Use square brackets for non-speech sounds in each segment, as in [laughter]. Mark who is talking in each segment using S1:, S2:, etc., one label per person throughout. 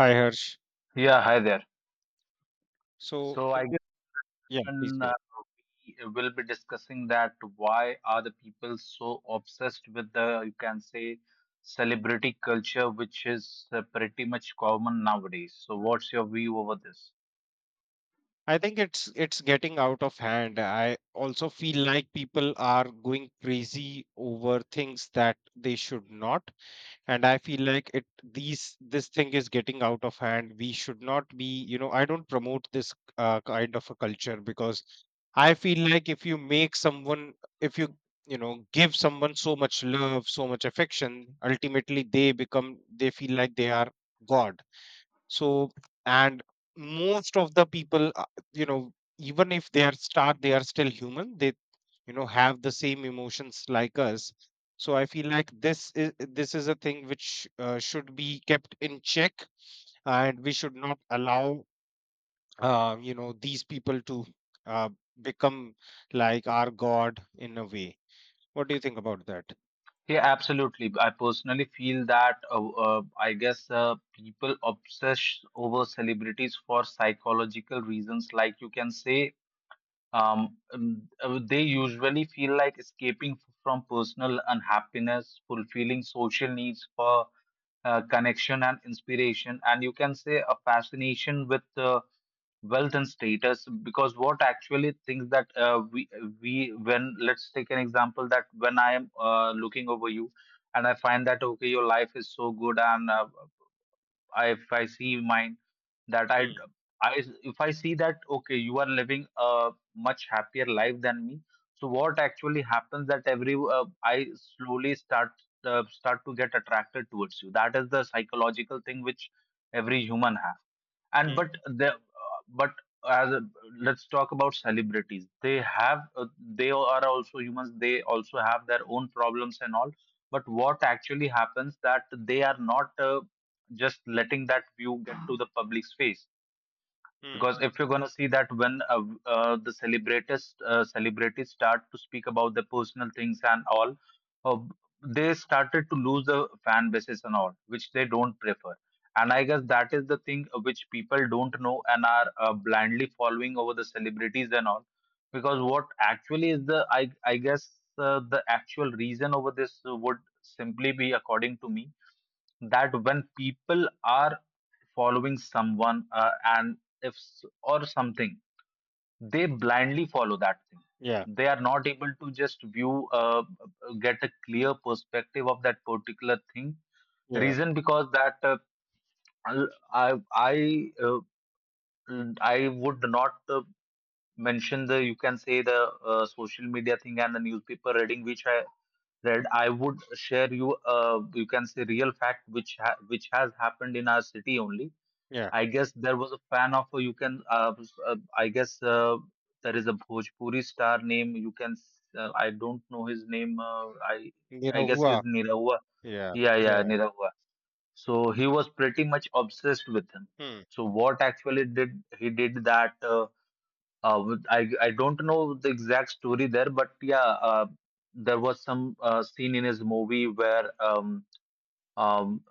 S1: Hi Harsh.
S2: Yeah, hi there.
S1: So
S2: So I
S1: in this, yeah,
S2: guess
S1: please go
S2: uh,
S1: ahead.
S2: we will be discussing that why are the people so obsessed with the, you can say, celebrity culture, which is pretty much common nowadays. So what's your view over this?
S1: I think it's getting out of hand. I also feel like people are going crazy over things that they should not, and I feel like it these this thing is getting out of hand. We should not be. I don't promote this kind of a culture, because I feel like if you you know give someone so much love, so much affection. Ultimately, they feel like they are God. So and most of the people, even if they are still human, they have the same emotions like us. So I feel like this is a thing which should be kept in check, and we should not allow these people to uh, become like our god in a way. What do you think about that?
S2: Yeah, absolutely. I personally feel that I guess people obsess over celebrities for psychological reasons, like you can say. They usually feel like escaping from personal unhappiness, fulfilling social needs for connection and inspiration, and you can say a fascination with wealth and status. Because what actually things that we when let's take an example that when I am looking over you, and I find that okay, your life is so good, and I, if I see mine, that
S1: Mm,
S2: I if I see that okay, you are living a much happier life than me. So what actually happens that every I slowly start start to get attracted towards you. That is the psychological thing which every human have. And
S1: mm,
S2: but the but as a, let's talk about celebrities. They have they are also humans. They also have their own problems and all. But what actually happens that they are not just letting that view get to the public's face,
S1: mm.
S2: because if you're going to see that when the celebrities celebrities start to speak about their personal things and all, uh, they started to lose the fan bases and all, which they don't prefer. And I guess that is the thing which people don't know and are blindly following over the celebrities and all, because what actually is the I guess the actual reason over this would simply be, according to me, that when people are following someone and if or something, they blindly follow that thing.
S1: Yeah,
S2: They are not able to just view get a clear perspective of that particular thing,
S1: yeah,
S2: reason because that I'll- i i uh, I would not mention the, you can say, the social media thing and the newspaper reading which I read. I would share you, you can say, real fact which which has happened in our city only.
S1: yeah,
S2: I guess there was a fan of you can I guess there is a Bhojpuri star name, you can I don't know his name. I guess
S1: Nirahuwa.
S2: he's Nirav.
S1: Yeah,
S2: Yeah, yeah,
S1: yeah.
S2: Nirav. So he was pretty much obsessed with him.
S1: Mm,
S2: So what actually did he did that with, I don't know the exact story there, but yeah, there was some scene in his movie where um,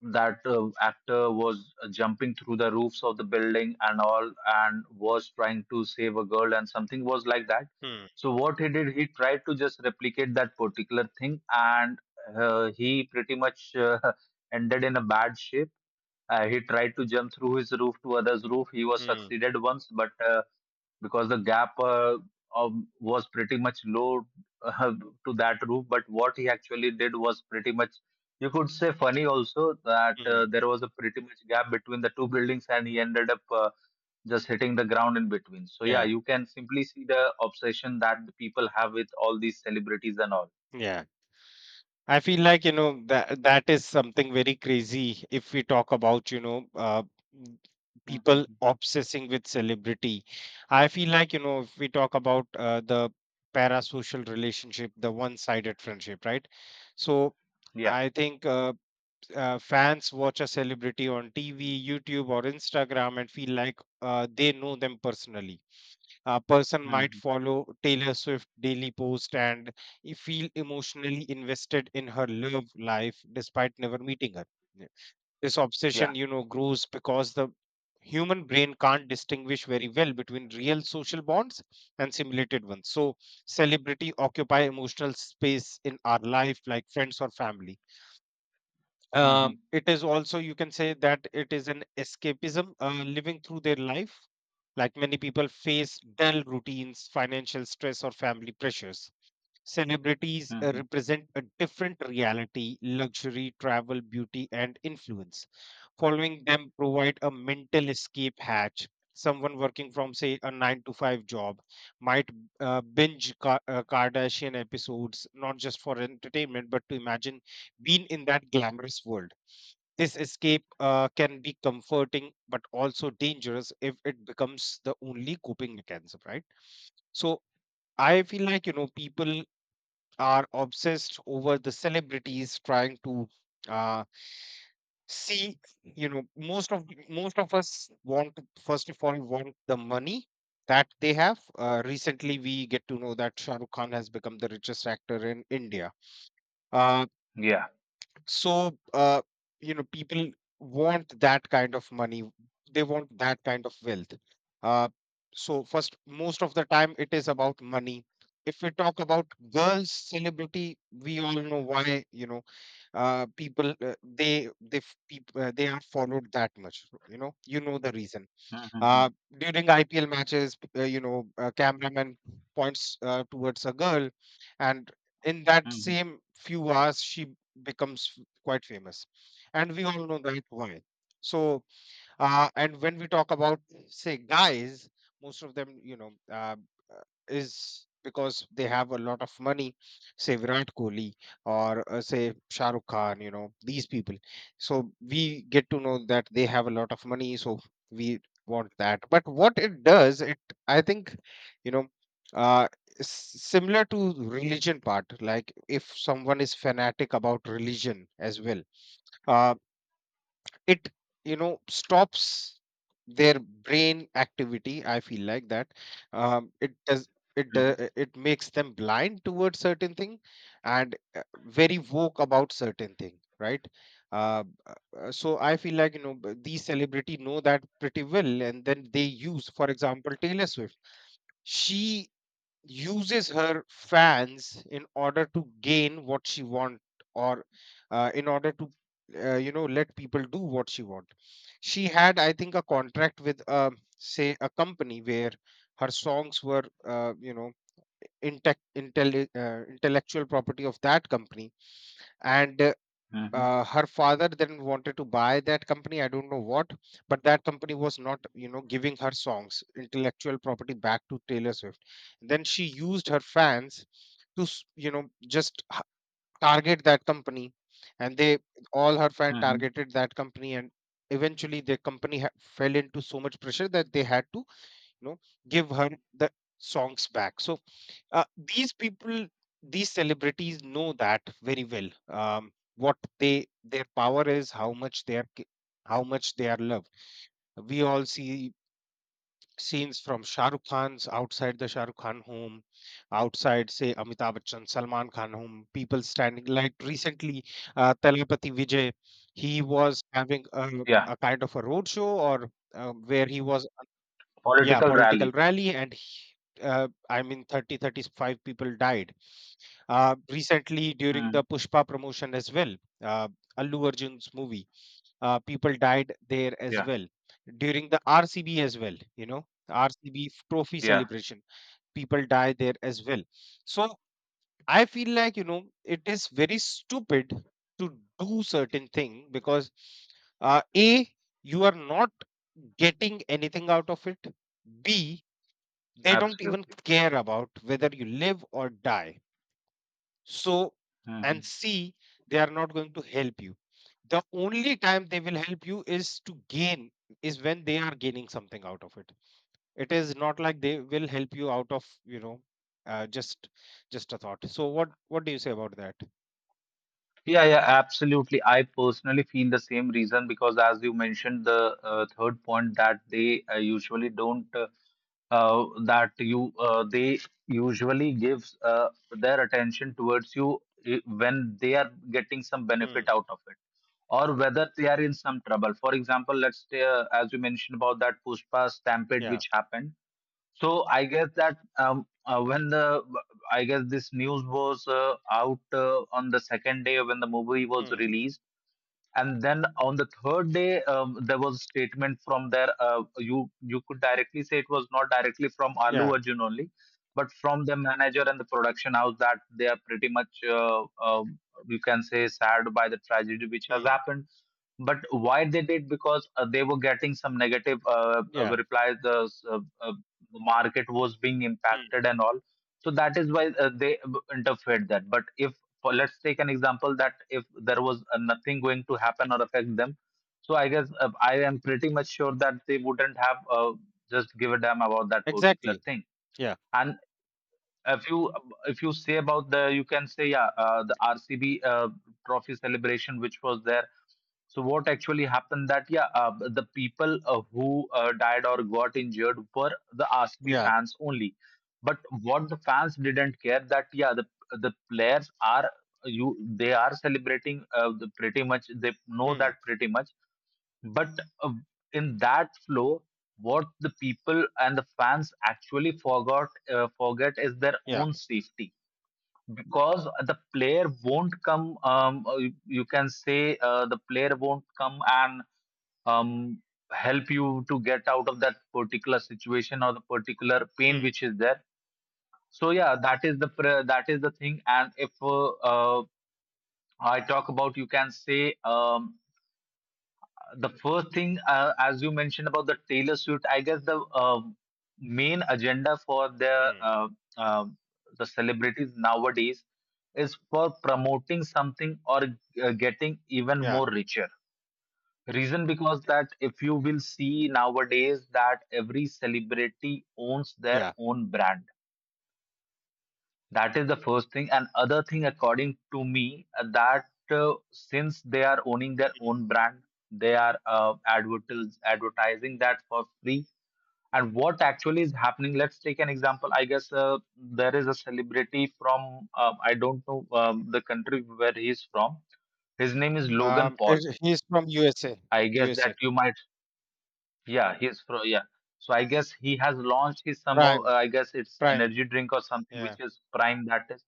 S2: that actor was jumping through the roofs of the building and all and was trying to save a girl and something was like that.
S1: mm,
S2: So what he did, he tried to just replicate that particular thing, and he pretty much [laughs] ended in a bad shape. He tried to jump through his roof to others roof. He was
S1: mm.
S2: succeeded once, but because the gap was pretty much low uh, to that roof. But what he actually did was pretty much, you could say, funny also, that
S1: Mm,
S2: there was a pretty much gap between the two buildings, and he ended up just hitting the ground in between. So yeah,
S1: yeah,
S2: you can simply see the obsession that the people have with all these celebrities and all.
S1: yeah. I feel like, that is something very crazy, if we talk about, m- people
S2: Hmm.
S1: obsessing with celebrity. I feel like, if we talk about the parasocial relationship, the one-sided friendship, right? So
S2: Yeah.
S1: I think fans watch a celebrity on TV, YouTube, or Instagram and feel like they know them personally. A person might
S2: Hmm.
S1: follow Taylor Swift daily post and feel emotionally invested in her love life despite never meeting her. Yeah. This
S2: Yeah.
S1: obsession, grows because the human brain can't distinguish very well between real social bonds and simulated ones. So celebrity occupy emotional space in our life like friends or family.
S2: Hmm. Hmm.
S1: It is also, you can say, that it is an escapism, living through their life. Like many people face dull routines, financial stress, or family pressures. Celebrities represent a different reality: luxury, travel, beauty, and influence. Following them provide a mental escape hatch. Someone working from, say, a 9 to 5 job might binge Kardashian episodes, not just for entertainment, but to imagine being in that glamorous world. This escape can be comforting, but also dangerous if it becomes the only coping mechanism, right? So I feel like, people are obsessed over the celebrities, trying to uh, see. Most of us first of all want the money that they have. Recently, we get to know that Shahrukh Khan has become the richest actor in India. Uh,
S2: Yeah.
S1: so people want that kind of money, they want that kind of wealth. uh, so first, most of the time it is about money. If we talk about girls celebrity, we all know why, uh, people uh, they they people, they are followed that much. You know the reason.
S2: Hmm. Hmm.
S1: uh, During IPL matches, a cameraman points towards a girl, and in that same few hours, she becomes quite famous. And we all know that why. So, and when we talk about, say, guys, most of them, is because they have a lot of money, say Virat Kohli, or say Shah Rukh Khan, these people. So we get to know that they have a lot of money, so we want that. But what it does, it, I think, you know, uh, similar to religion part, like if someone is fanatic about religion as well, uh, it stops their brain activity, I feel like that. It does,
S2: Hmm.
S1: it makes them blind towards certain thing, and very woke about certain thing, right? uh, so I feel like, these celebrity know that pretty well, and then they use, for example, Taylor Swift. She uses her fans in order to gain what she want, or in order to let people do what she want. She had, I think, a contract with say, a company where her songs were intellectual property of that company. And her father then wanted to buy that company, I don't know what, but that company was not giving her songs intellectual property back to Taylor Swift. Then she used her fans to just target that company. And they, all her fan
S2: Hmm.
S1: targeted that company, and eventually the company fell into so much pressure that they had to you know give her the songs back. So uh, these people these celebrities know that very well, what they their power is, how much they are how much they are loved. We all see scenes from Shah Rukh Khan's, outside the Shah Rukh Khan home, outside, say, Amitabh Bachchan, Salman Khan home, people standing. Like recently Talapati Vijay, he was having a,
S2: Yeah.
S1: kind of a roadshow, or where he was, yeah,
S2: Political
S1: political
S2: rally.
S1: rally, and I mean 30, 35 people died. Recently, during
S2: Hmm.
S1: the Pushpa promotion as well, uh, Allu Arjun's movie, people died there as
S2: Yeah.
S1: well. During the RCB as well, RCB trophy
S2: Yeah.
S1: celebration, people die there as well. So I feel like, it is very stupid to do certain thing, because A, you are not getting anything out of it, B, they don't even
S2: Absolutely.
S1: care about whether you live or die. So, and
S2: Mhm.
S1: see, they are not going to help you. The only time they will help you is to gain, is when they are gaining something out of it. It is not like they will help you out of, uh, just just a thought. So what do you say about that?
S2: Yeah, yeah, absolutely. I personally feel the same reason because, as you mentioned, the third point that they usually don't, that you, they usually gives their attention towards you when they are getting some
S1: Hmm.
S2: benefit out of it or whether they are in some trouble. For example, let's say, as you mentioned about that Pushpa stampede
S1: Yeah.
S2: which happened. So I guess that when the I guess this news was out on the second day when the movie was
S1: Hmm.
S2: released, and then on the third day, there was a statement from there. You you could directly say it was not directly from Alu
S1: Yeah.
S2: Arjun only, but from the manager and the production house, that they are pretty much you can say sad by the tragedy which has
S1: Hmm.
S2: happened. But why they did, because they were getting some negative
S1: Yeah.
S2: replies. The market was being
S1: Hmm.
S2: impacted and all. So that is why they interfered that. But if for, let's take an example, that if there was nothing going to happen or affect them, so I guess I am pretty much sure that they wouldn't have just give a damn about that particular
S1: Exactly.
S2: thing.
S1: Yeah.
S2: And if you, if you say about the, you can say, yeah, the RCB trophy celebration which was there. So what actually happened that yeah, the people who died or got injured were the RCB
S1: Yeah.
S2: fans only. But what the fans didn't care, that yeah, the players are, you they are celebrating the pretty much, they know
S1: Hmm.
S2: that pretty much. But uh, in that flow, what the people and the fans actually forgot forget is their
S1: Yeah.
S2: own safety, because the player won't come you, you can say the player won't come and um, help you to get out of that particular situation or the particular pain
S1: Hmm.
S2: which is there. So yeah, that is the that is the thing. And if I talk about, you can say, the first thing, as you mentioned about the Taylor Swift, I guess the main agenda for
S1: Hmm.
S2: uh, the celebrities nowadays is for promoting something or getting even
S1: Yeah.
S2: more richer. Reason because that if you will see nowadays that every celebrity owns their own brand, that is the first thing. And other thing, according to me, that since they are owning their
S1: Yeah.
S2: own brand, they are advertising that for free. And what actually is happening? Let's take an example. I guess there is a celebrity from I don't know the country where he's from. His name is Logan
S1: Um,
S2: Paul.
S1: it, he's from USA,
S2: I guess that
S1: USA.
S2: you might yeah, he's fro yeah. So I guess he has launched his some of
S1: Prime,
S2: I guess it's
S1: Prime.
S2: energy drink or something,
S1: Yeah.
S2: which is Prime, that is.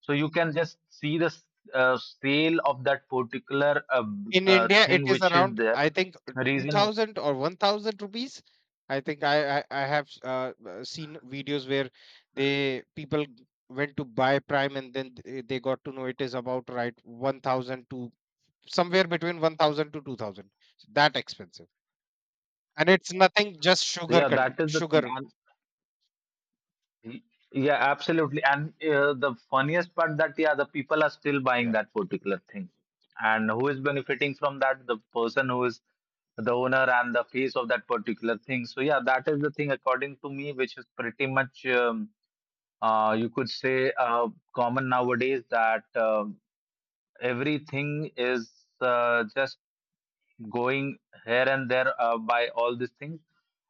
S2: So you can just see the uh, sale of that particular
S1: In India, it
S2: thing
S1: is
S2: which is
S1: around,
S2: there.
S1: I think, two
S2: Reason,
S1: thousand or 1,000 rupees. I think I have seen videos where they people went to buy Prime, and then they got to know it is about right 1,000 to somewhere between 1,000 to 2,000. So, that expensive, and it's nothing, just
S2: so yeah, that is the thing.
S1: sugar.
S2: And y- yeah, absolutely. And the funniest part that yeah, the people are still buying
S1: Yeah,
S2: that particular thing. And who is benefiting from that? The person who is the owner and the face of that particular thing. So yeah, that is the thing according to me, which is pretty much you could say common nowadays, that everything is just going here and there by all these things.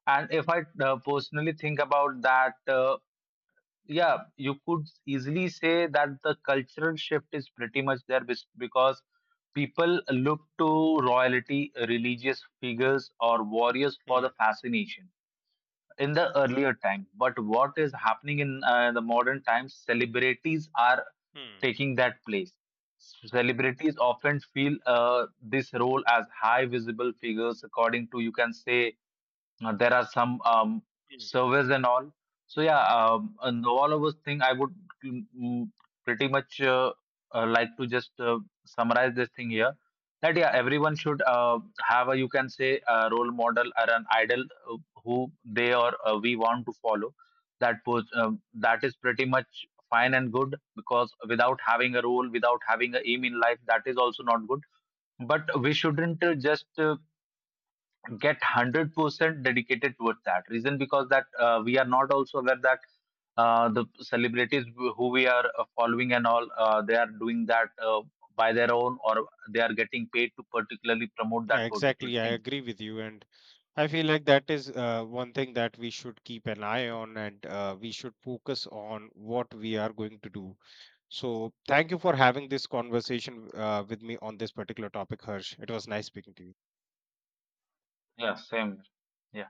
S2: And if I personally think about that, yeah, you could easily say that the cultural shift is pretty much there, because people look to royalty, religious figures, or warriors for
S1: Hmm.
S2: the fascination in the earlier time, but what is happening in the modern times, celebrities are
S1: Hmm.
S2: taking that place. Celebrities often feel this role as high visible figures, according to, you can say, there are some surveys and all. So yeah, and all of those thing I would mm, mm, pretty much like to just summarize this thing here. That yeah, everyone should have a, you can say, a role model or an idol uh, who they or we want to follow. That was that is pretty much fine and good, because without having a role, without having a aim in life, that is also not good, but we shouldn't just get 100% dedicated towards that, reason because that we are not also aware that the celebrities who we are following and all they are doing that by their own or they are getting paid to particularly promote that
S1: Yeah,
S2: particular
S1: exactly. I
S2: thing.
S1: agree with you, and I feel like that is one thing that we should keep an eye on, and we should focus on what we are going to do. So, thank you for having this conversation with me on this particular topic, Harsh. It was nice speaking to you.
S2: Yeah, same. Yeah.